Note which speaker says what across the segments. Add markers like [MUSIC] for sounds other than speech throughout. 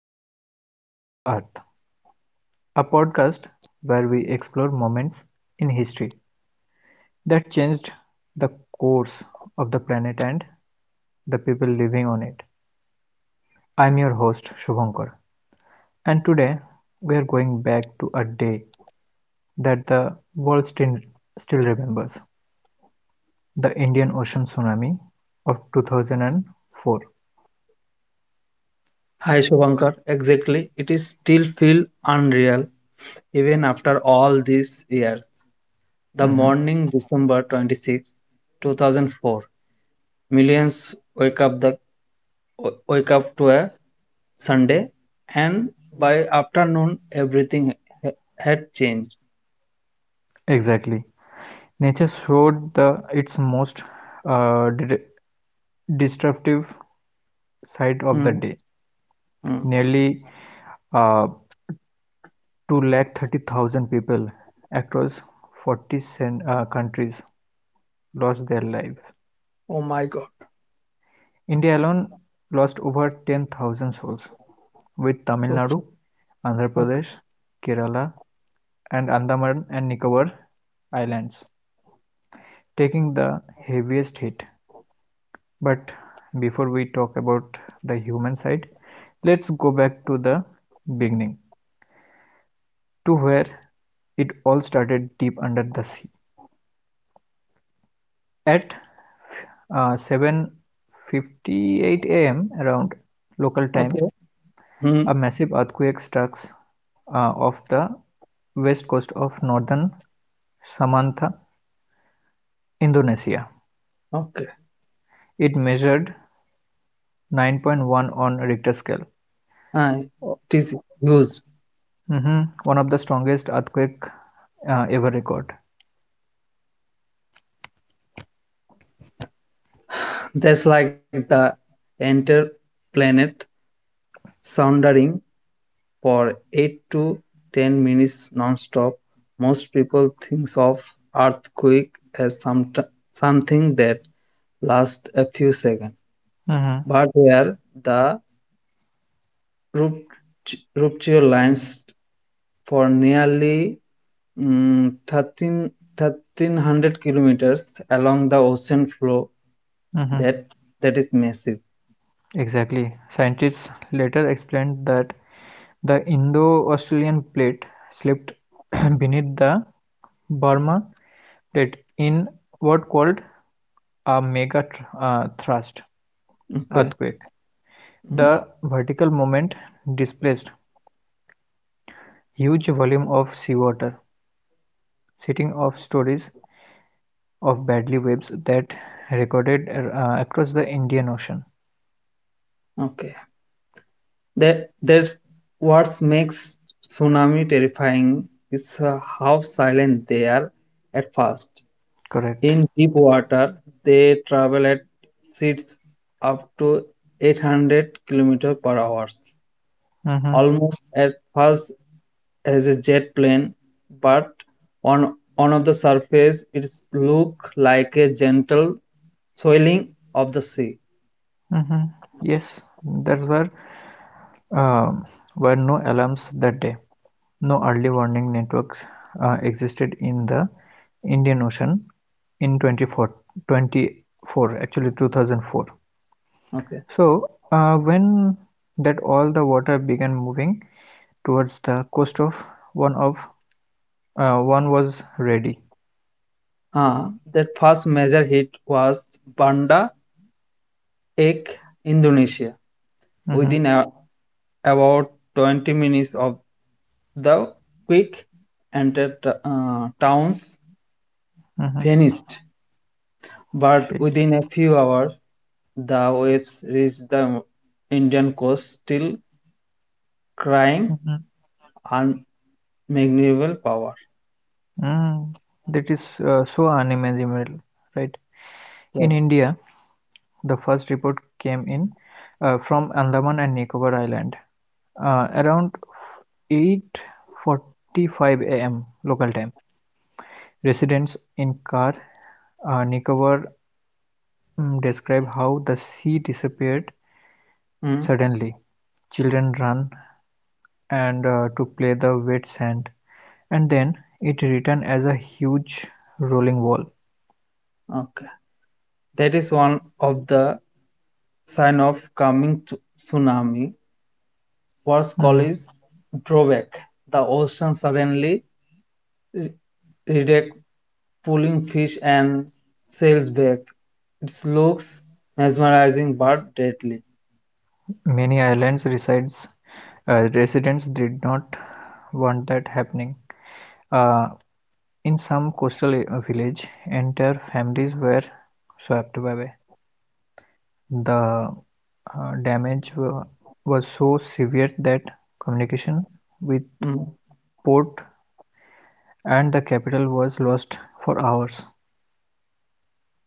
Speaker 1: to Stories of the Earth, a podcast where we explore moments in history that changed the course of the planet and the people living on it. I'm your host Shubhankar, and today we are going back to a day that the world still remembers the Indian Ocean tsunami of 2004.
Speaker 2: Hi Shubhankar, exactly. It is still feel unreal even after all these years. The
Speaker 1: Mhm.
Speaker 2: morning December 26, 2004, millions wake up the wake up to a Sunday, and by afternoon everything ha- had changed.
Speaker 1: Exactly. Nature showed the its most destructive side of the
Speaker 2: Hmm,
Speaker 1: day.
Speaker 2: hmm.
Speaker 1: Nearly uh, two lakh 30,000 people across 40 countries lost their life.
Speaker 2: Oh my God.
Speaker 1: India alone lost over 10,000 souls, with Tamil
Speaker 2: Okay.
Speaker 1: Nadu, Andhra
Speaker 2: Okay.
Speaker 1: Pradesh, Kerala, and Andaman and Nicobar Islands taking the heaviest hit. But before we talk about the human side, let's go back to the beginning to where it all started deep under the sea. At 7:58 a.m. around local time,
Speaker 2: Okay.
Speaker 1: a
Speaker 2: Hmm,
Speaker 1: massive earthquake strikes off the west coast of northern Samantha, Indonesia.
Speaker 2: okay.
Speaker 1: It measured 9.1 on Richter scale.
Speaker 2: Ah, it is used.
Speaker 1: Mhm. One of the strongest earthquake ever recorded.
Speaker 2: That's like the entire planet sounding for 8 to 10 minutes non-stop. Most people think of earthquake as something that lasts a few seconds,
Speaker 1: Mhm.
Speaker 2: but here the rupture lines for nearly mm, 1300 kilometers along the ocean floor.
Speaker 1: Mhm.
Speaker 2: That that is massive.
Speaker 1: Exactly. Scientists later explained that the Indo-Australian Plate slipped [CLEARS THROAT] [COUGHS] beneath the Burma Plate in what called a mega-thrust
Speaker 2: Okay.
Speaker 1: earthquake.
Speaker 2: Mm,
Speaker 1: The vertical moment displaced huge volume of seawater, setting off stories of badly waves that recorded across the Indian Ocean.
Speaker 2: okay. That's what makes tsunami terrifying is how silent they are at first.
Speaker 1: Correct.
Speaker 2: In deep water, they travel at speeds up to 800 kilometers per hour,
Speaker 1: Mm-hmm.
Speaker 2: almost as fast as a jet plane, but on of the surface, it looks like a gentle swelling of the sea.
Speaker 1: Mm-hmm. Yes, that's where um, were no alarms that day. No early warning networks existed in the Indian Ocean in 24, twenty-four actually 2004.
Speaker 2: Okay.
Speaker 1: So, when that all the water began moving towards the coast of one was ready.
Speaker 2: Ah, that first major hit was Banda Ek, Indonesia.
Speaker 1: Mm-hmm,
Speaker 2: within a, about 20 minutes of the quick entered towns
Speaker 1: mm-hmm,
Speaker 2: vanished, but
Speaker 1: she,
Speaker 2: within a few hours the waves reached the Indian coast, still crying
Speaker 1: mhm,
Speaker 2: unmeasurable power.
Speaker 1: mm. That is so unimaginable, right? In
Speaker 2: Yes.
Speaker 1: India, the first report came in from Andaman and Nicobar Island. Around 8:45 a.m. local time, residents in Kar Nicobar describe how the sea disappeared
Speaker 2: Mm,
Speaker 1: suddenly. Children ran and to play the wet sand, and then it returned as a huge rolling wall.
Speaker 2: okay, that is one of the sign of coming tsunami. Worst call
Speaker 1: Mhm.
Speaker 2: is drawback. The ocean suddenly re- pulling fish and sailed back. It looks mesmerizing but deadly.
Speaker 1: Many islands resides residents did not want that happening. Uh, in some coastal village, entire families were swept away. The damage was so severe that communication with
Speaker 2: Mm,
Speaker 1: port and the capital was lost for hours.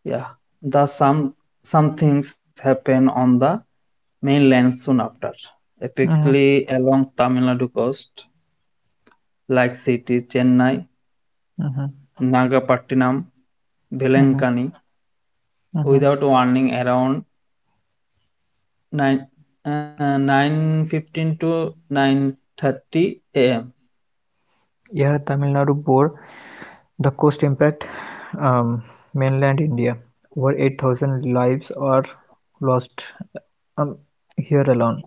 Speaker 2: yeah, the some things happen on the mainland soon after,
Speaker 1: Mhm,
Speaker 2: typically along Tamil Nadu coast, like cities Chennai,
Speaker 1: mhm,
Speaker 2: Nagapattinam,
Speaker 1: mhm,
Speaker 2: Velankani.
Speaker 1: mhm.
Speaker 2: Without warning, around 9:15 to 9:30 a.m.
Speaker 1: Yeah, Tamil Nadu bore the cost impact. Um, Mainland India, over 8,000 lives are lost um, here alone.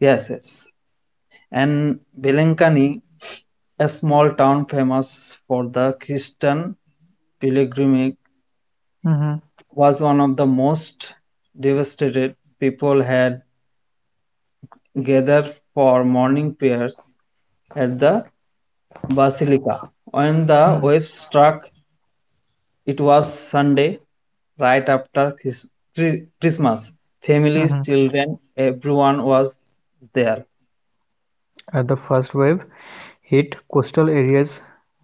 Speaker 2: Yes, yes. And Velankani, a small town famous for the Christian pilgrimage,
Speaker 1: Mhm,
Speaker 2: was one of the most devastated. People had gathered for morning prayers at the basilica. When the
Speaker 1: mhm,
Speaker 2: waves struck, it was Sunday, right after Christmas. Families,
Speaker 1: mhm.
Speaker 2: children, everyone was there.
Speaker 1: At the first wave hit coastal areas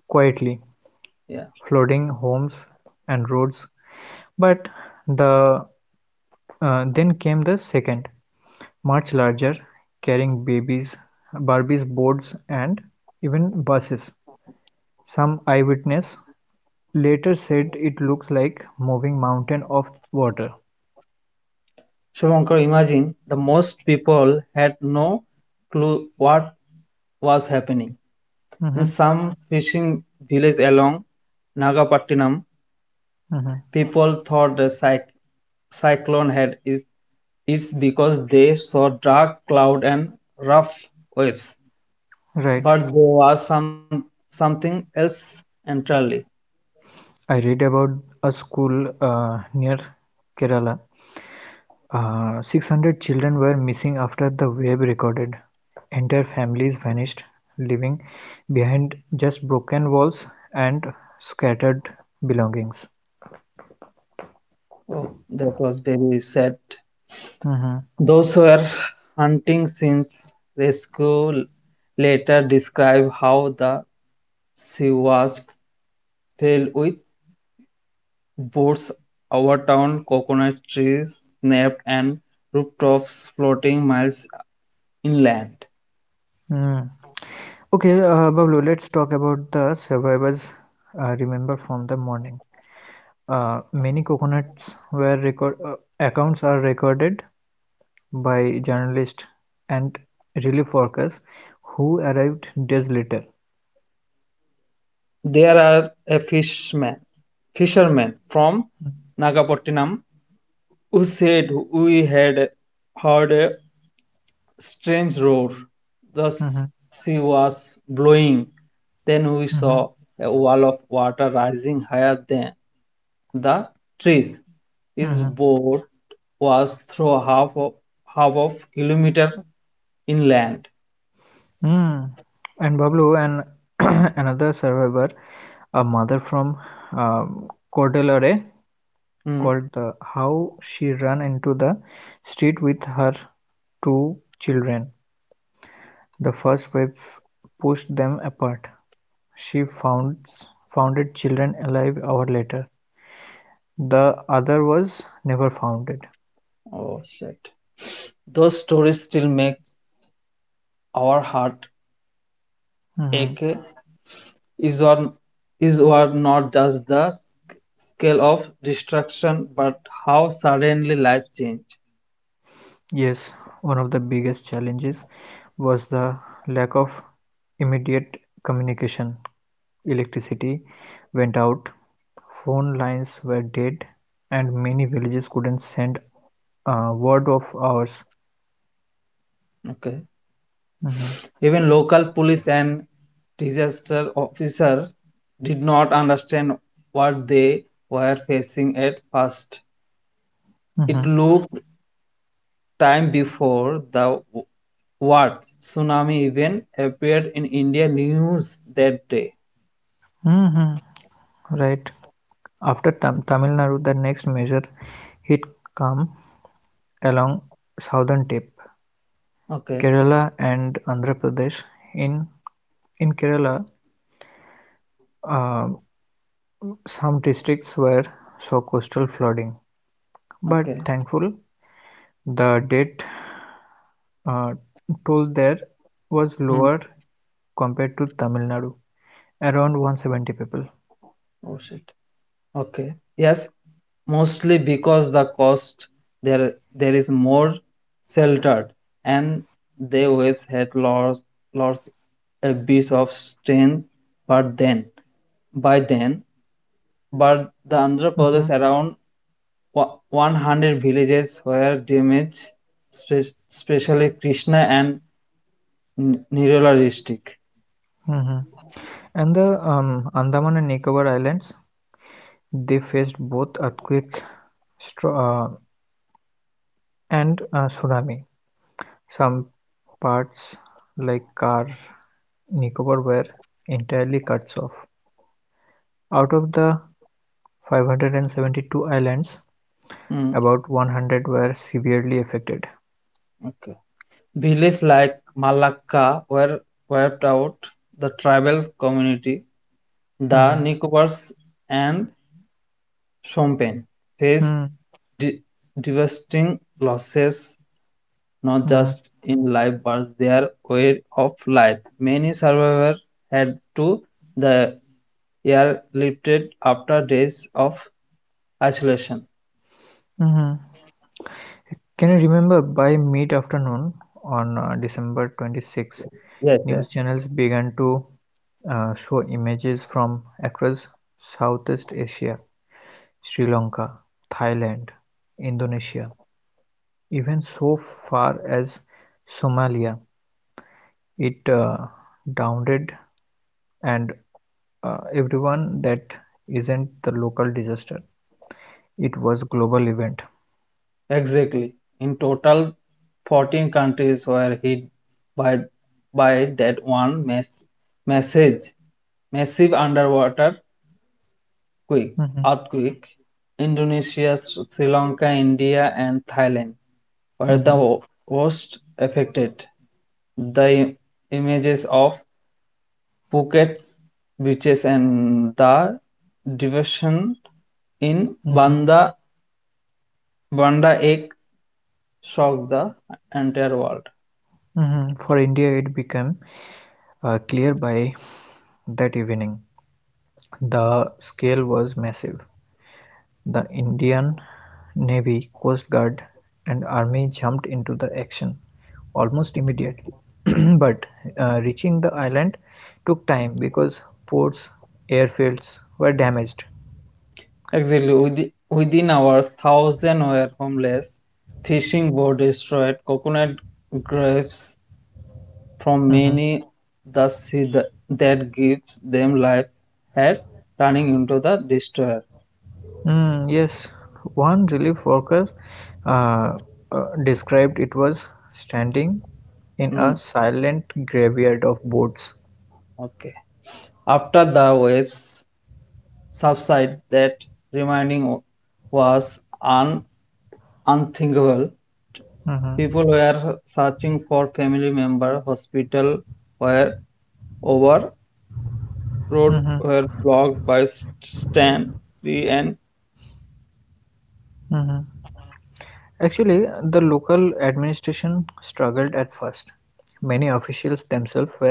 Speaker 1: quietly,
Speaker 2: Yeah.
Speaker 1: flooding homes and roads. But the Then came the second, much larger, carrying babies, Barbies, boards, and even buses. Some eyewitness later said it looks like moving mountain of water.
Speaker 2: Shivankar, imagine the most people had no clue what was happening. In
Speaker 1: Mhm,
Speaker 2: some fishing villages along Nagapattinam,
Speaker 1: mhm.
Speaker 2: people thought the cyclone had its, because they saw dark cloud and rough waves,
Speaker 1: Right.
Speaker 2: but there was something else entirely.
Speaker 1: I read about a school near Kerala. 600 children were missing after the wave recorded. Entire families vanished, leaving behind just broken walls and scattered belongings.
Speaker 2: Oh, that was very sad.
Speaker 1: Mhm.
Speaker 2: Those who were hunting since rescue later describe how the sea was filled with boats overturned, coconut trees snapped, and rooftops floating miles inland.
Speaker 1: Mm. Okay, Bablu, let's talk about the survivors remember from the morning. Many coconuts were record accounts are recorded by journalists and relief workers who arrived days later.
Speaker 2: There are a fisherman from Nagapattinam who said we had heard a strange roar. The
Speaker 1: Mhm,
Speaker 2: s- Sea was blowing. Then we
Speaker 1: mhm,
Speaker 2: saw a wall of water rising higher than the trees. His
Speaker 1: mhm.
Speaker 2: boat was through half of kilometer inland.
Speaker 1: Mm. And Bablu and [CLEARS THROAT] another survivor, a mother from Cordelare,
Speaker 2: Mm.
Speaker 1: called the how she ran into the street with her two children. The first wave pushed them apart. She founded children alive hour later. The other was never founded.
Speaker 2: Oh shit. Those stories still make our heart
Speaker 1: Mm-hmm.
Speaker 2: ache. Is or is or not just the scale of destruction, but how suddenly life change.
Speaker 1: Yes, one of the biggest challenges was the lack of immediate communication. Electricity went out, phone lines were dead, and many villages couldn't send a word of ours.
Speaker 2: Okay.
Speaker 1: Mhm,
Speaker 2: Even local police and disaster officer did not understand what they were facing at first.
Speaker 1: mhm,
Speaker 2: It looked time before the Warth tsunami event appeared in India news that day.
Speaker 1: mhm. Right. After Tamil Nadu, the next major hit come along southern tip.
Speaker 2: Okay,
Speaker 1: Kerala and Andhra Pradesh. In in Kerala, uh, some districts were saw coastal flooding, but
Speaker 2: okay.
Speaker 1: thankful the death uh, toll there was
Speaker 2: Hmm.
Speaker 1: lower compared to Tamil Nadu, around 170 people.
Speaker 2: Oh shit. Okay. Yes, mostly because the coast there is more sheltered and the waves had lost a bit of strength, but then by then but the Andhra
Speaker 1: Hmm.
Speaker 2: Pradesh around 100 villages were damaged, especially Krishna and Nirola district.
Speaker 1: Hmm. And the Andaman and Nicobar Islands, they faced both earthquake stro- uh, and tsunami. Some parts like Car Nicobar were entirely cut off. Out of the 572 islands,
Speaker 2: Mm,
Speaker 1: about 100 were severely affected.
Speaker 2: okay. Villages like Malakka were wiped out. The tribal community,
Speaker 1: Mhm,
Speaker 2: the Nicobars and Champagne,
Speaker 1: mm,
Speaker 2: faced de- devastating losses, not
Speaker 1: mhm,
Speaker 2: just in life but their way of life. Many survivors had to the airlifted after days of isolation.
Speaker 1: mhm. Can you remember by mid afternoon on December 26,
Speaker 2: Yes,
Speaker 1: news
Speaker 2: yes.
Speaker 1: channels began to show images from across Southeast Asia, Sri Lanka, Thailand, Indonesia, even so far as Somalia. It downed and everyone that isn't the local disaster. It was global event.
Speaker 2: Exactly. In total, 14 countries were hit by that message, massive underwater quake,
Speaker 1: Mm-hmm.
Speaker 2: earthquake. Indonesia, Sri Lanka, India, and Thailand were
Speaker 1: Mhm,
Speaker 2: the worst affected. The images of Phuket's beaches and the devotion in
Speaker 1: mhm,
Speaker 2: Banda Ek shocked the entire world.
Speaker 1: mhm. For India, it became clear by that evening. The scale was massive. The Indian Navy, Coast Guard, and Army jumped into the action almost immediately. [CLEARS THROAT] But reaching the island took time because ports, airfields were damaged.
Speaker 2: Exactly, within hours, thousands were homeless. Fishing boats destroyed, coconut grapes from
Speaker 1: Mm-hmm.
Speaker 2: many, the sea that gives them life had turning into the destroyer.
Speaker 1: Mm, yes, one relief worker uh, described it was standing in a
Speaker 2: Mm,
Speaker 1: silent graveyard of boats.
Speaker 2: okay. After the waves subside, that remaining was unthinkable.
Speaker 1: Mhm,
Speaker 2: People were searching for family member. Hospital were over,
Speaker 1: mhm,
Speaker 2: road were blocked by Stanley and
Speaker 1: mhm. Actually, the local administration struggled at first. Many officials themselves were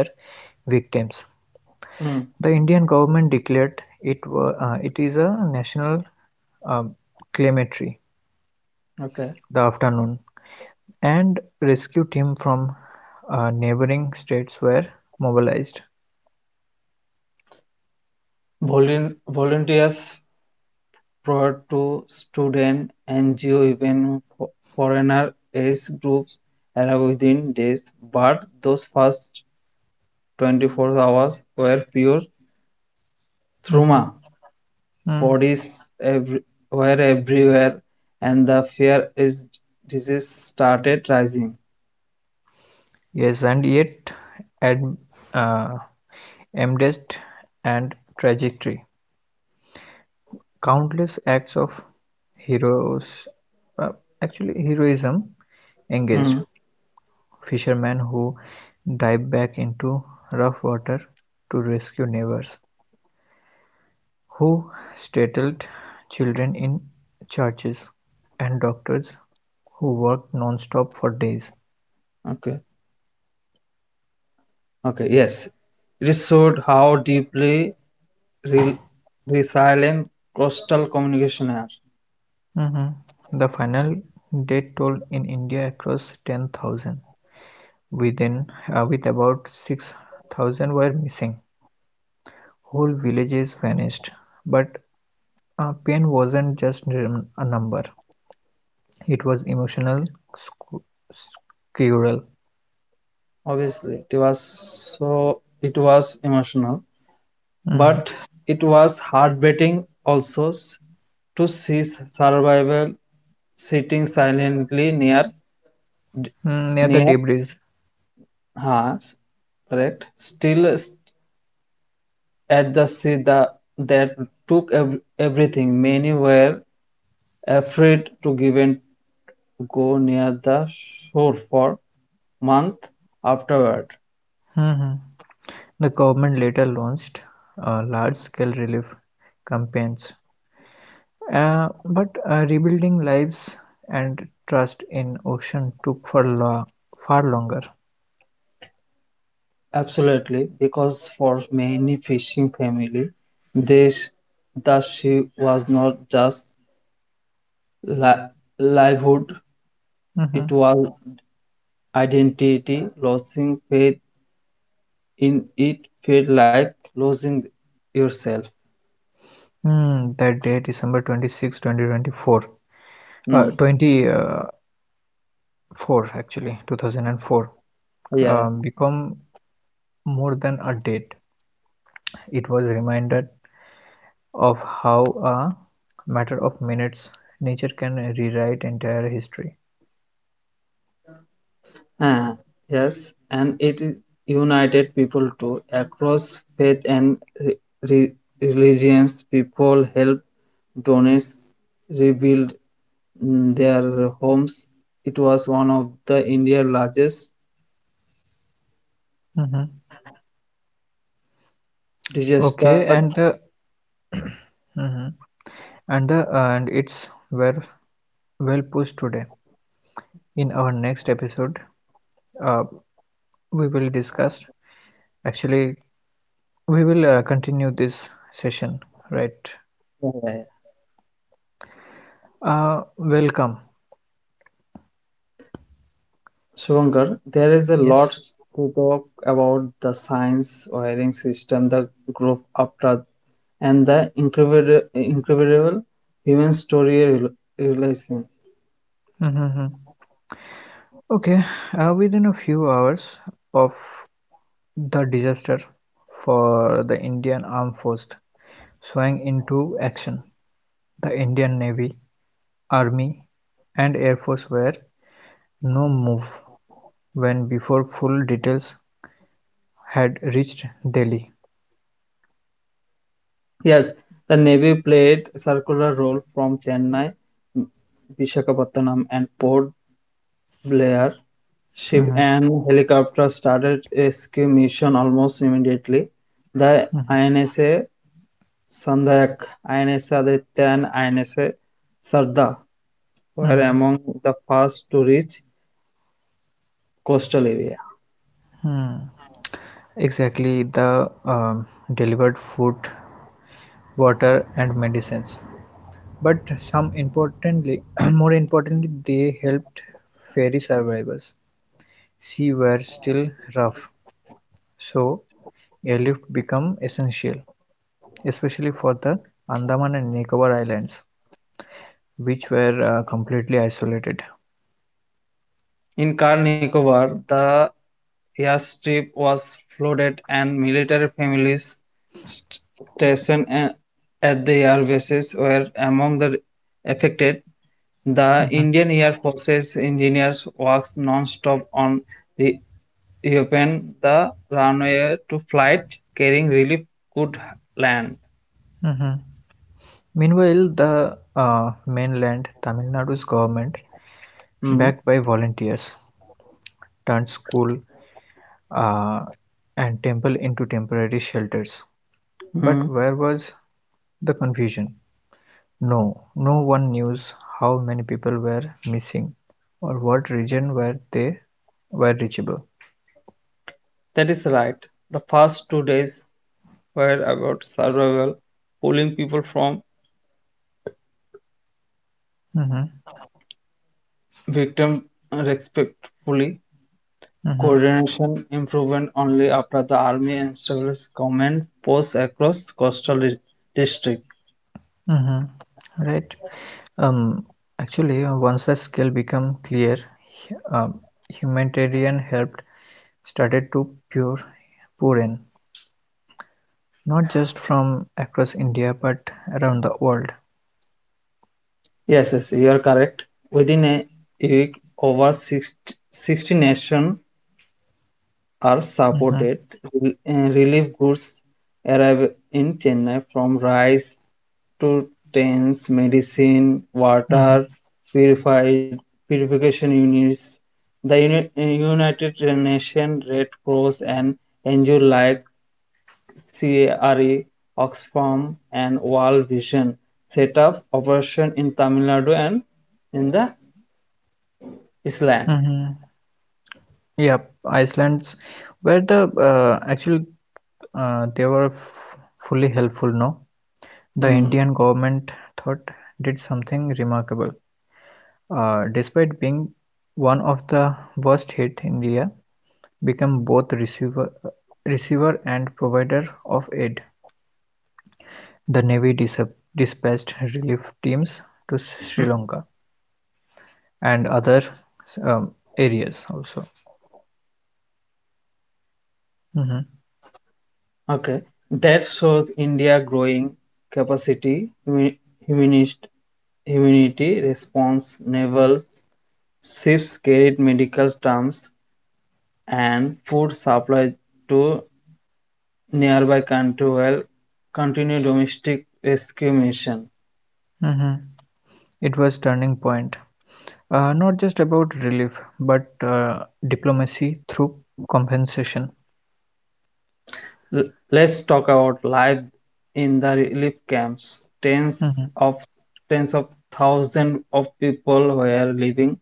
Speaker 1: victims.
Speaker 2: hmm,
Speaker 1: The Indian government declared it, wa- it is a national um, cemetery
Speaker 2: okay.
Speaker 1: the afternoon. And rescue teams from neighboring states were mobilized.
Speaker 2: Volunteers brought to student NGO, even foreigner aids groups arrived within days, but those first 24 hours were pure trauma.
Speaker 1: Mhm. Mm.
Speaker 2: Bodies every- were everywhere, and the fear is disease started rising.
Speaker 1: Yes, and yet, at uh, amidst and trajectory, countless acts of heroes, uh, actually heroism,
Speaker 2: Hmm,
Speaker 1: engaged. Fishermen who dive back into rough water to rescue neighbors, who startled children in churches, and doctors who worked non-stop for days.
Speaker 2: okay, okay, yes. It showed how deeply re- resilient coastal communicationer.
Speaker 1: Mhm. The final death toll in India across 10,000. Within, with about 6,000 were missing. Whole villages vanished. But pain wasn't just a number, it was emotional sc- squirrel.
Speaker 2: Obviously, it was it was emotional, but
Speaker 1: Mm.
Speaker 2: it was heartbreaking also to see survival sitting silently near
Speaker 1: Mm, near
Speaker 2: near
Speaker 1: the debris.
Speaker 2: us, correct? Still at the that took everything. Many were afraid to give and go near the shore for month afterward.
Speaker 1: Mhm. The government later launched large-scale relief campaigns, but rebuilding lives and trust in ocean took for far longer.
Speaker 2: Absolutely, because for many fishing family, this the sea was not just li- livelihood; it
Speaker 1: Mhm.
Speaker 2: was identity. Losing faith in it felt like losing yourself.
Speaker 1: Hmm, that day, December 26, 2024,
Speaker 2: Hmm.
Speaker 1: uh, 24 actually, 2004,
Speaker 2: Yeah, yeah.
Speaker 1: become more than a date. It was reminded of how a matter of minutes nature can rewrite entire history.
Speaker 2: Ah, yes, and it is united people too across faith and re- religions. People help donate, rebuild, their homes. It was one of the India's largest
Speaker 1: Mhm.
Speaker 2: disaster.
Speaker 1: Okay, and the hmm And the and it's were well pushed today. In our next episode, uh, we will discuss. Actually, we will continue this session, right?
Speaker 2: Yeah.
Speaker 1: Uh, Welcome.
Speaker 2: Shankar, there is a lot
Speaker 1: Yes.
Speaker 2: to talk about the science wiring system, the group after, and the incredible human story realizing.
Speaker 1: Mm-hmm. Okay. Within a few hours of the disaster for the Indian Armed Force swung into action, the Indian Navy, Army, and Air Force were no move when before full details had reached Delhi.
Speaker 2: Yes, the Navy played a circular role from Chennai, Visakhapatnam, and Port Blair. Ship
Speaker 1: Mhm,
Speaker 2: and helicopter started rescue mission almost immediately. The
Speaker 1: mhm,
Speaker 2: INSA Sandhyak, INSA Aditya and INSA Sardar were
Speaker 1: mhm,
Speaker 2: among the first to reach coastal area.
Speaker 1: hmm. Exactly, the um, delivered food, water, and medicines. But [CLEARS THROAT] more importantly, they helped ferry survivors. Sea were still rough, so airlift became essential, especially for the Andaman and Nicobar Islands, which were completely isolated.
Speaker 2: In Car Nicobar, the airstrip was flooded and military families stationed at the air were among the affected. The
Speaker 1: Mhm,
Speaker 2: Indian Air Force's engineers work non-stop on re reopen the runway to flight carrying relief could land.
Speaker 1: mhm. Meanwhile, the mainland Tamil Nadu's government,
Speaker 2: Mm.
Speaker 1: backed by volunteers, turned school uh, and temple into temporary shelters.
Speaker 2: Hmm,
Speaker 1: But where was the confusion? No, no one knew how many people were missing or what region where they were reachable.
Speaker 2: that is right. The first 2 days were about survival, pulling people from
Speaker 1: Mm-hmm,
Speaker 2: victim respectfully.
Speaker 1: mm-hmm,
Speaker 2: Coordination improved only after the Army and Service Command posts across coastal district.
Speaker 1: mm-hmm. Right. Um, Actually, once the scale became clear, humanitarian help started to pour in. Not just from across India, but around the world.
Speaker 2: Yes, yes, you are correct. Within a week, over 60 nations are supported.
Speaker 1: Hmm.
Speaker 2: Relief goods arrive in Chennai from rice to tents, medicine, water,
Speaker 1: Hmm.
Speaker 2: purified purification units. The United Nations Red Cross and NGO like CARE, Oxfam, and World Vision set up operation in Tamil Nadu and in the Islam.
Speaker 1: Hmm. Yep, Iceland's where the actually they were f fully helpful. No, the
Speaker 2: Hmm.
Speaker 1: Indian government thought did something remarkable. Despite being one of the worst hit, India became both receiver and provider of aid. The Navy dispatched relief teams to
Speaker 2: Hmm.
Speaker 1: Sri Lanka and other areas also. Hmm.
Speaker 2: Okay. That shows India growing capacity, humanist, humanity response. Naval ships carried medical terms and food supply to nearby country while continue domestic rescue mission.
Speaker 1: Hmm. It was turning point, not just about relief, but diplomacy through compensation.
Speaker 2: Let's talk about life in the relief camps.
Speaker 1: Hmm.
Speaker 2: Of Tens of thousands of people were living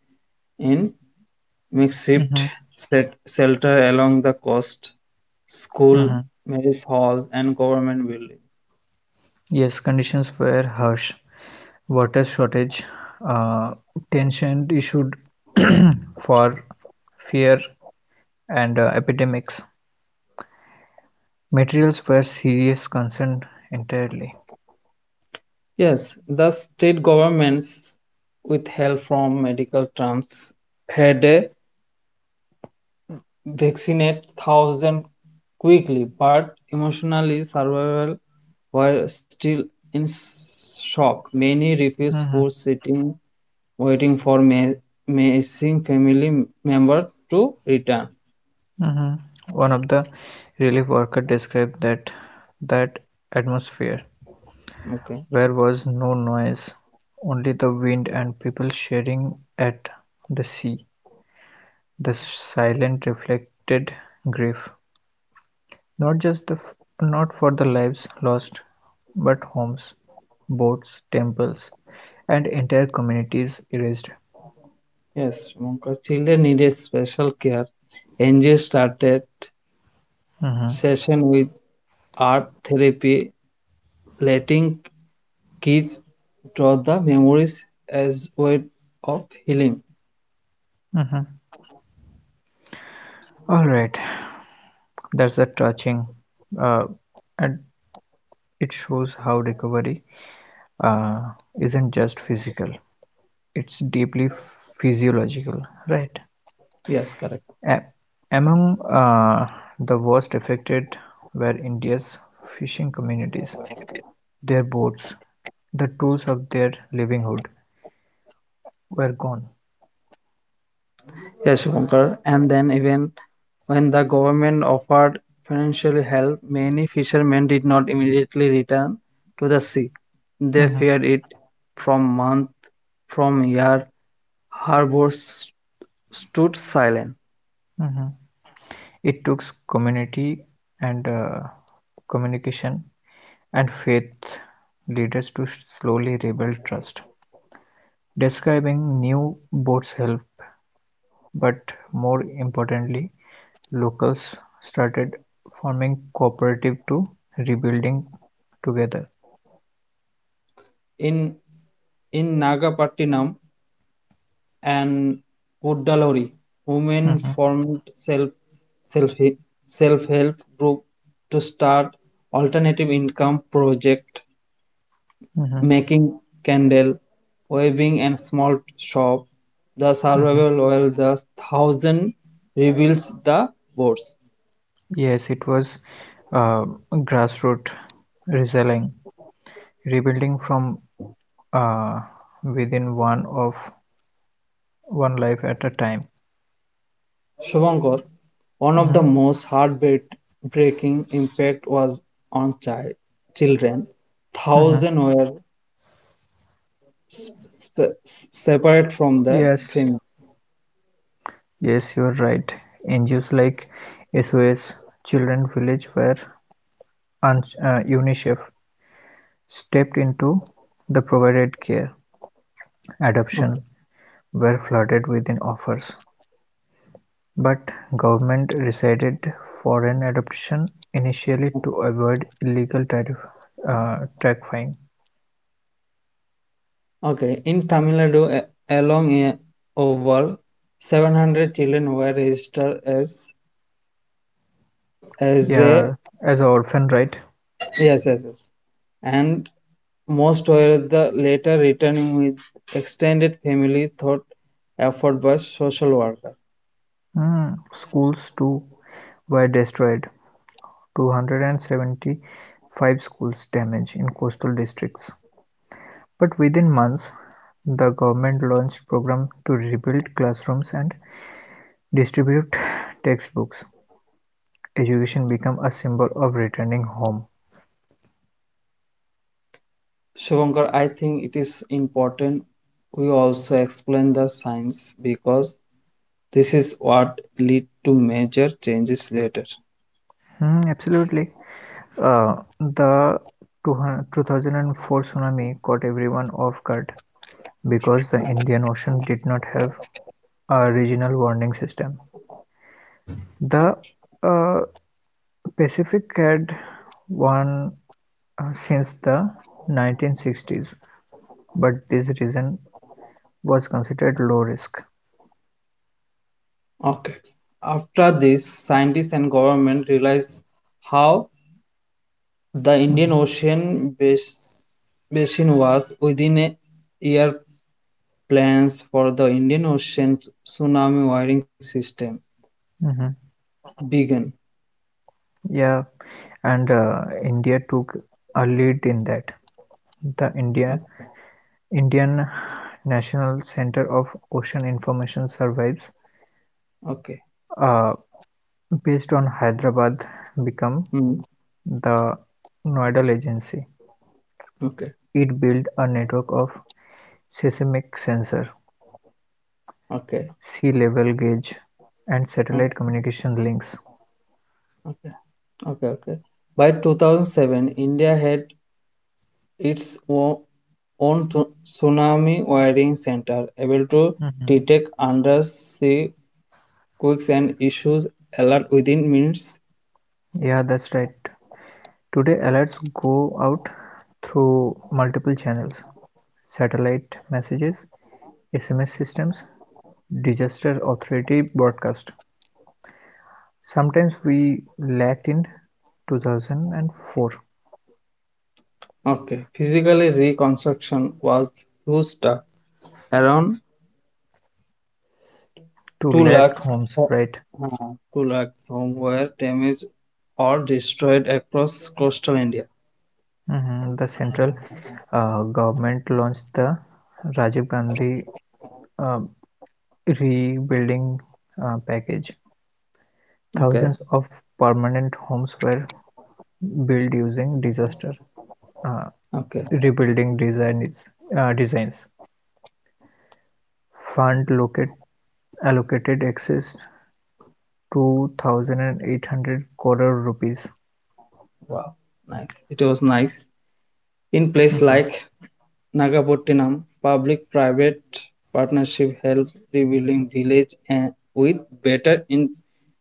Speaker 2: in makeshift
Speaker 1: Hmm.
Speaker 2: set shelter along the coast, school,
Speaker 1: Hmm.
Speaker 2: marriage halls, and government buildings.
Speaker 1: Yes, conditions were harsh. Water shortage, uh, tension issued [CLEARS THROAT] for fear and epidemics. Materials were serious concern entirely.
Speaker 2: Yes, the state governments, with help from medical terms, had a vaccinate thousand quickly, but emotionally survival were still in shock. Many refused food, sitting, waiting for missing family members to return.
Speaker 1: Hmm. One of the relief workers described that atmosphere
Speaker 2: Okay.
Speaker 1: where was no noise, only the wind and people staring at the sea. The silent reflected grief, not just the not for the lives lost, but homes, boats, temples, and entire communities erased.
Speaker 2: Yes, because children needed special care. NGO started
Speaker 1: Mhm,
Speaker 2: session with art therapy, letting kids draw the memories as way of healing.
Speaker 1: mhm. All right, that's a touching, uh, and it shows how recovery uh, isn't just physical, it's deeply physiological, right?
Speaker 2: Yes, correct.
Speaker 1: A- Among the worst affected were India's fishing communities. Their boats, the tools of their livelihood, were gone.
Speaker 2: Yes, Shankar. And then even when the government offered financial help, many fishermen did not immediately return to the sea. They
Speaker 1: Mhm,
Speaker 2: feared it from month, from year. Harbors stood silent.
Speaker 1: mhm. It took community and communication and faith leaders to slowly rebuild trust. Describing new boats help, but more importantly, locals started forming cooperative to rebuilding together.
Speaker 2: In In Nagapattinam and Kudaluri, women
Speaker 1: Mhm,
Speaker 2: formed self, self-help group to start alternative income project,
Speaker 1: mhm,
Speaker 2: making candle, weaving and small shop. The survival
Speaker 1: mhm.
Speaker 2: while the thousand reveals the boards.
Speaker 1: Yes, it was uh, grassroots reselling, rebuilding from uh, within one life at a time.
Speaker 2: Shubhankar, one of the
Speaker 1: Mhm,
Speaker 2: most heartbreaking impact was on children.
Speaker 1: mhm.
Speaker 2: Thousands were sp- separate from the
Speaker 1: Yes,
Speaker 2: premium.
Speaker 1: yes, you're right. NGOs like SOS Children Village where UNICEF stepped into the provided care,
Speaker 2: Okay.
Speaker 1: adoption, were flooded within offers, but government rescinded foreign adoption initially to avoid illegal tariff, taxifying.
Speaker 2: Okay. In Tamil Nadu, along a- over 700 children were registered as a
Speaker 1: Yeah, as an orphan right.
Speaker 2: yes, yes, yes, and most were the later returning with extended family thought effort by social worker.
Speaker 1: Hmm, schools too were destroyed. 275 schools damaged in coastal districts. But within months, the government launched program to rebuild classrooms and distribute [SIGHS] textbooks. Education became a symbol of returning home.
Speaker 2: Shivankar, I think it is important we also explain the science, because this is what lead to major changes later.
Speaker 1: Hmm, absolutely. The 2004 tsunami caught everyone off guard because the Indian Ocean did not have a regional warning system. The uh, Pacific had one since the 1960s, but this region was considered low risk.
Speaker 2: Okay. After this, scientists and government realized how the Indian
Speaker 1: Mhm,
Speaker 2: Ocean basin was. Within a year, plans for the Indian Ocean tsunami wiring system
Speaker 1: mhm.
Speaker 2: began.
Speaker 1: Yeah, and India took a lead in that. The
Speaker 2: O-
Speaker 1: Indian National Center of Ocean Information surveys.
Speaker 2: Okay.
Speaker 1: uh, Based on Hyderabad become
Speaker 2: Hmm.
Speaker 1: the nodal agency,
Speaker 2: Okay.
Speaker 1: it built a network of seismic sensor,
Speaker 2: Okay.
Speaker 1: sea level gauge and satellite
Speaker 2: Okay.
Speaker 1: communication links.
Speaker 2: Okay. Okay. Okay. By 2007, India had its own tsunami wiring center, able to detect
Speaker 1: Mhm.
Speaker 2: undersea quirks and issues alert within minutes.
Speaker 1: Yeah, that's right. Today, alerts go out through multiple channels satellite messages, SMS systems, disaster authority broadcast. Sometimes we lacked in 2004
Speaker 2: Okay, physically reconstruction was huge task. Around
Speaker 1: to
Speaker 2: 2
Speaker 1: lack
Speaker 2: lakhs,
Speaker 1: homes,
Speaker 2: ho-
Speaker 1: right?
Speaker 2: uh, 2 lakhs home were damaged or destroyed across coastal India.
Speaker 1: Mhm. The central government launched the Rajiv Gandhi uh, rebuilding package.
Speaker 2: Okay,
Speaker 1: Thousands of permanent homes were built using disaster uh,
Speaker 2: okay,
Speaker 1: rebuilding designs. Uh, designs. Fund locate, allocated access to 2,800 crore rupees.
Speaker 2: wow, nice. It was nice. In place
Speaker 1: Mhm.
Speaker 2: like Nagapattinam, Public-Private Partnership helped rebuilding villages with better in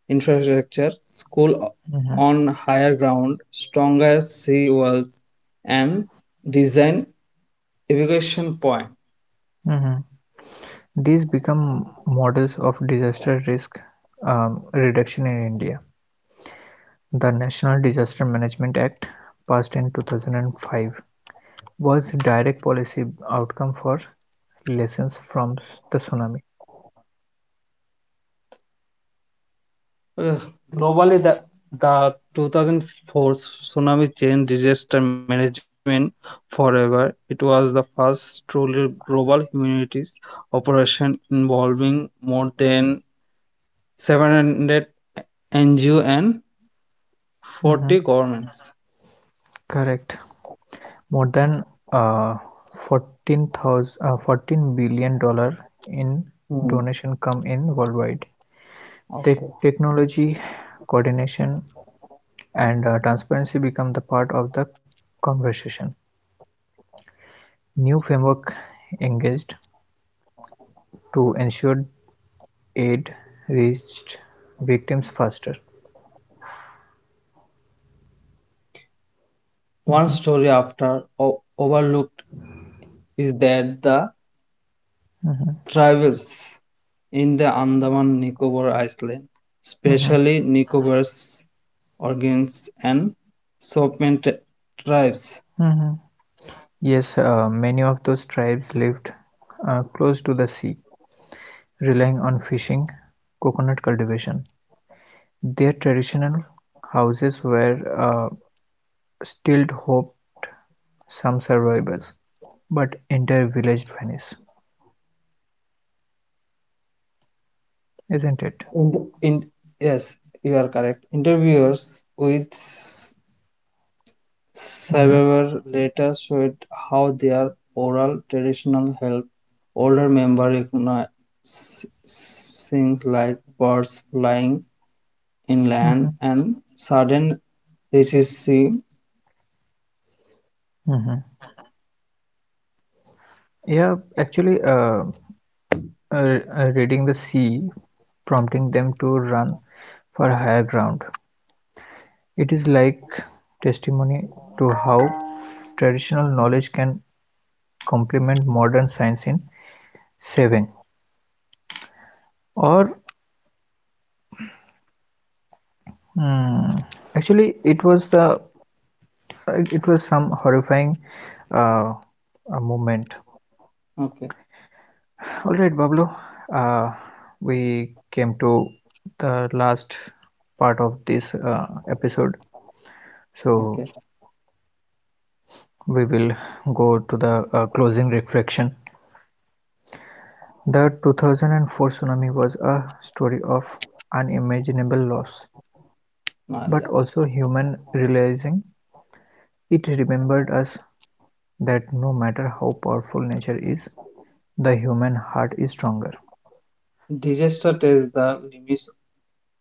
Speaker 2: infrastructure, school
Speaker 1: Mhm.
Speaker 2: on higher ground, stronger sea walls, and design evacuation points.
Speaker 1: Mhm. These become models of disaster risk reduction in India. The National Disaster Management Act, passed in 2005, was a direct policy outcome for lessons from the tsunami.
Speaker 2: Globally, the 2004 tsunami changed disaster management forever. It was the first truly global humanities operation involving more than 700 NGO and 40
Speaker 1: Mhm.
Speaker 2: governments.
Speaker 1: Correct. More than uh, 14,000 uh, $14 billion in
Speaker 2: Hmm.
Speaker 1: donation come in worldwide.
Speaker 2: Okay.
Speaker 1: Technology, coordination, and transparency become the part of the conversation. New framework engaged to ensure aid reached victims faster.
Speaker 2: One
Speaker 1: Mhm,
Speaker 2: story after overlooked is that the
Speaker 1: mhm,
Speaker 2: tribals in the Andaman Nicobar Island,
Speaker 1: mhm,
Speaker 2: especially Nicobar's organs and Sovereign tribes.
Speaker 1: mhm. Yes, many of those tribes lived close to the sea, relying on fishing, coconut cultivation. Their traditional houses were uh, still hope some survivors, but entire village vanished, isn't it?
Speaker 2: In in Yes, you are correct. Interviewers with
Speaker 1: Hmm.
Speaker 2: several later showed how their oral traditions helped older members recognize things like birds flying inland
Speaker 1: Hmm.
Speaker 2: and sudden recessive,
Speaker 1: Hmm. Yeah, actually, reading the sea, prompting them to run for higher ground. It is like testimony to how traditional knowledge can complement modern science in saving or mm, actually it was the it was some horrifying uh, moment.
Speaker 2: okay,
Speaker 1: All right, Bablu, uh, we came to the last part of this episode, so
Speaker 2: okay,
Speaker 1: we will go to the closing reflection. The 2004 tsunami was a story of unimaginable loss,
Speaker 2: now
Speaker 1: but
Speaker 2: yeah.
Speaker 1: also human realizing. It remembered us that no matter how powerful nature is, the human heart is stronger.
Speaker 2: Disaster tests the limits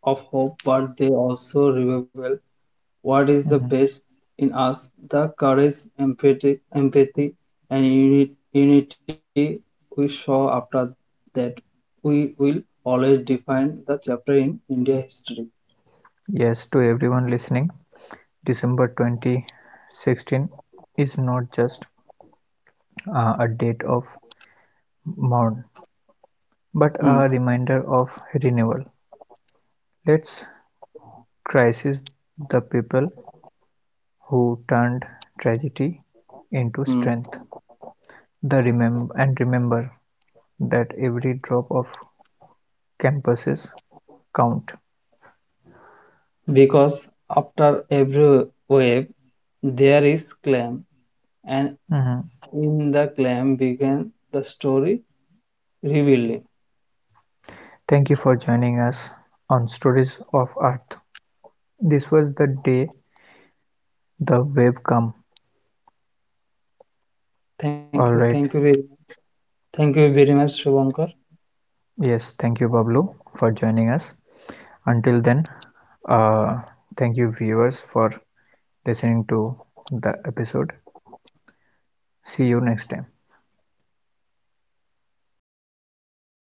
Speaker 2: of hope, but they also reveal what is the
Speaker 1: Mhm.
Speaker 2: best in us. The courage, empathy and unity we saw after that, we will always define the chapter in India history.
Speaker 1: Yes, to everyone listening, December 2016 is not just a date of mourn, but
Speaker 2: Hmm,
Speaker 1: a reminder of renewal. Let's crisis the people who turned tragedy into
Speaker 2: hmm.
Speaker 1: strength. The remember And remember that every drop of campuses count.
Speaker 2: Because after every wave, there is clam, and
Speaker 1: Mhm.
Speaker 2: in the clam began the story revealing.
Speaker 1: Thank you for joining us on Stories of Earth. This was the day the wave come.
Speaker 2: Thank you,
Speaker 1: All right.
Speaker 2: thank you very much, Shubhankar.
Speaker 1: Yes, thank you Pablo for joining us. Until then, uh, thank you viewers for listening to the episode. See you next time.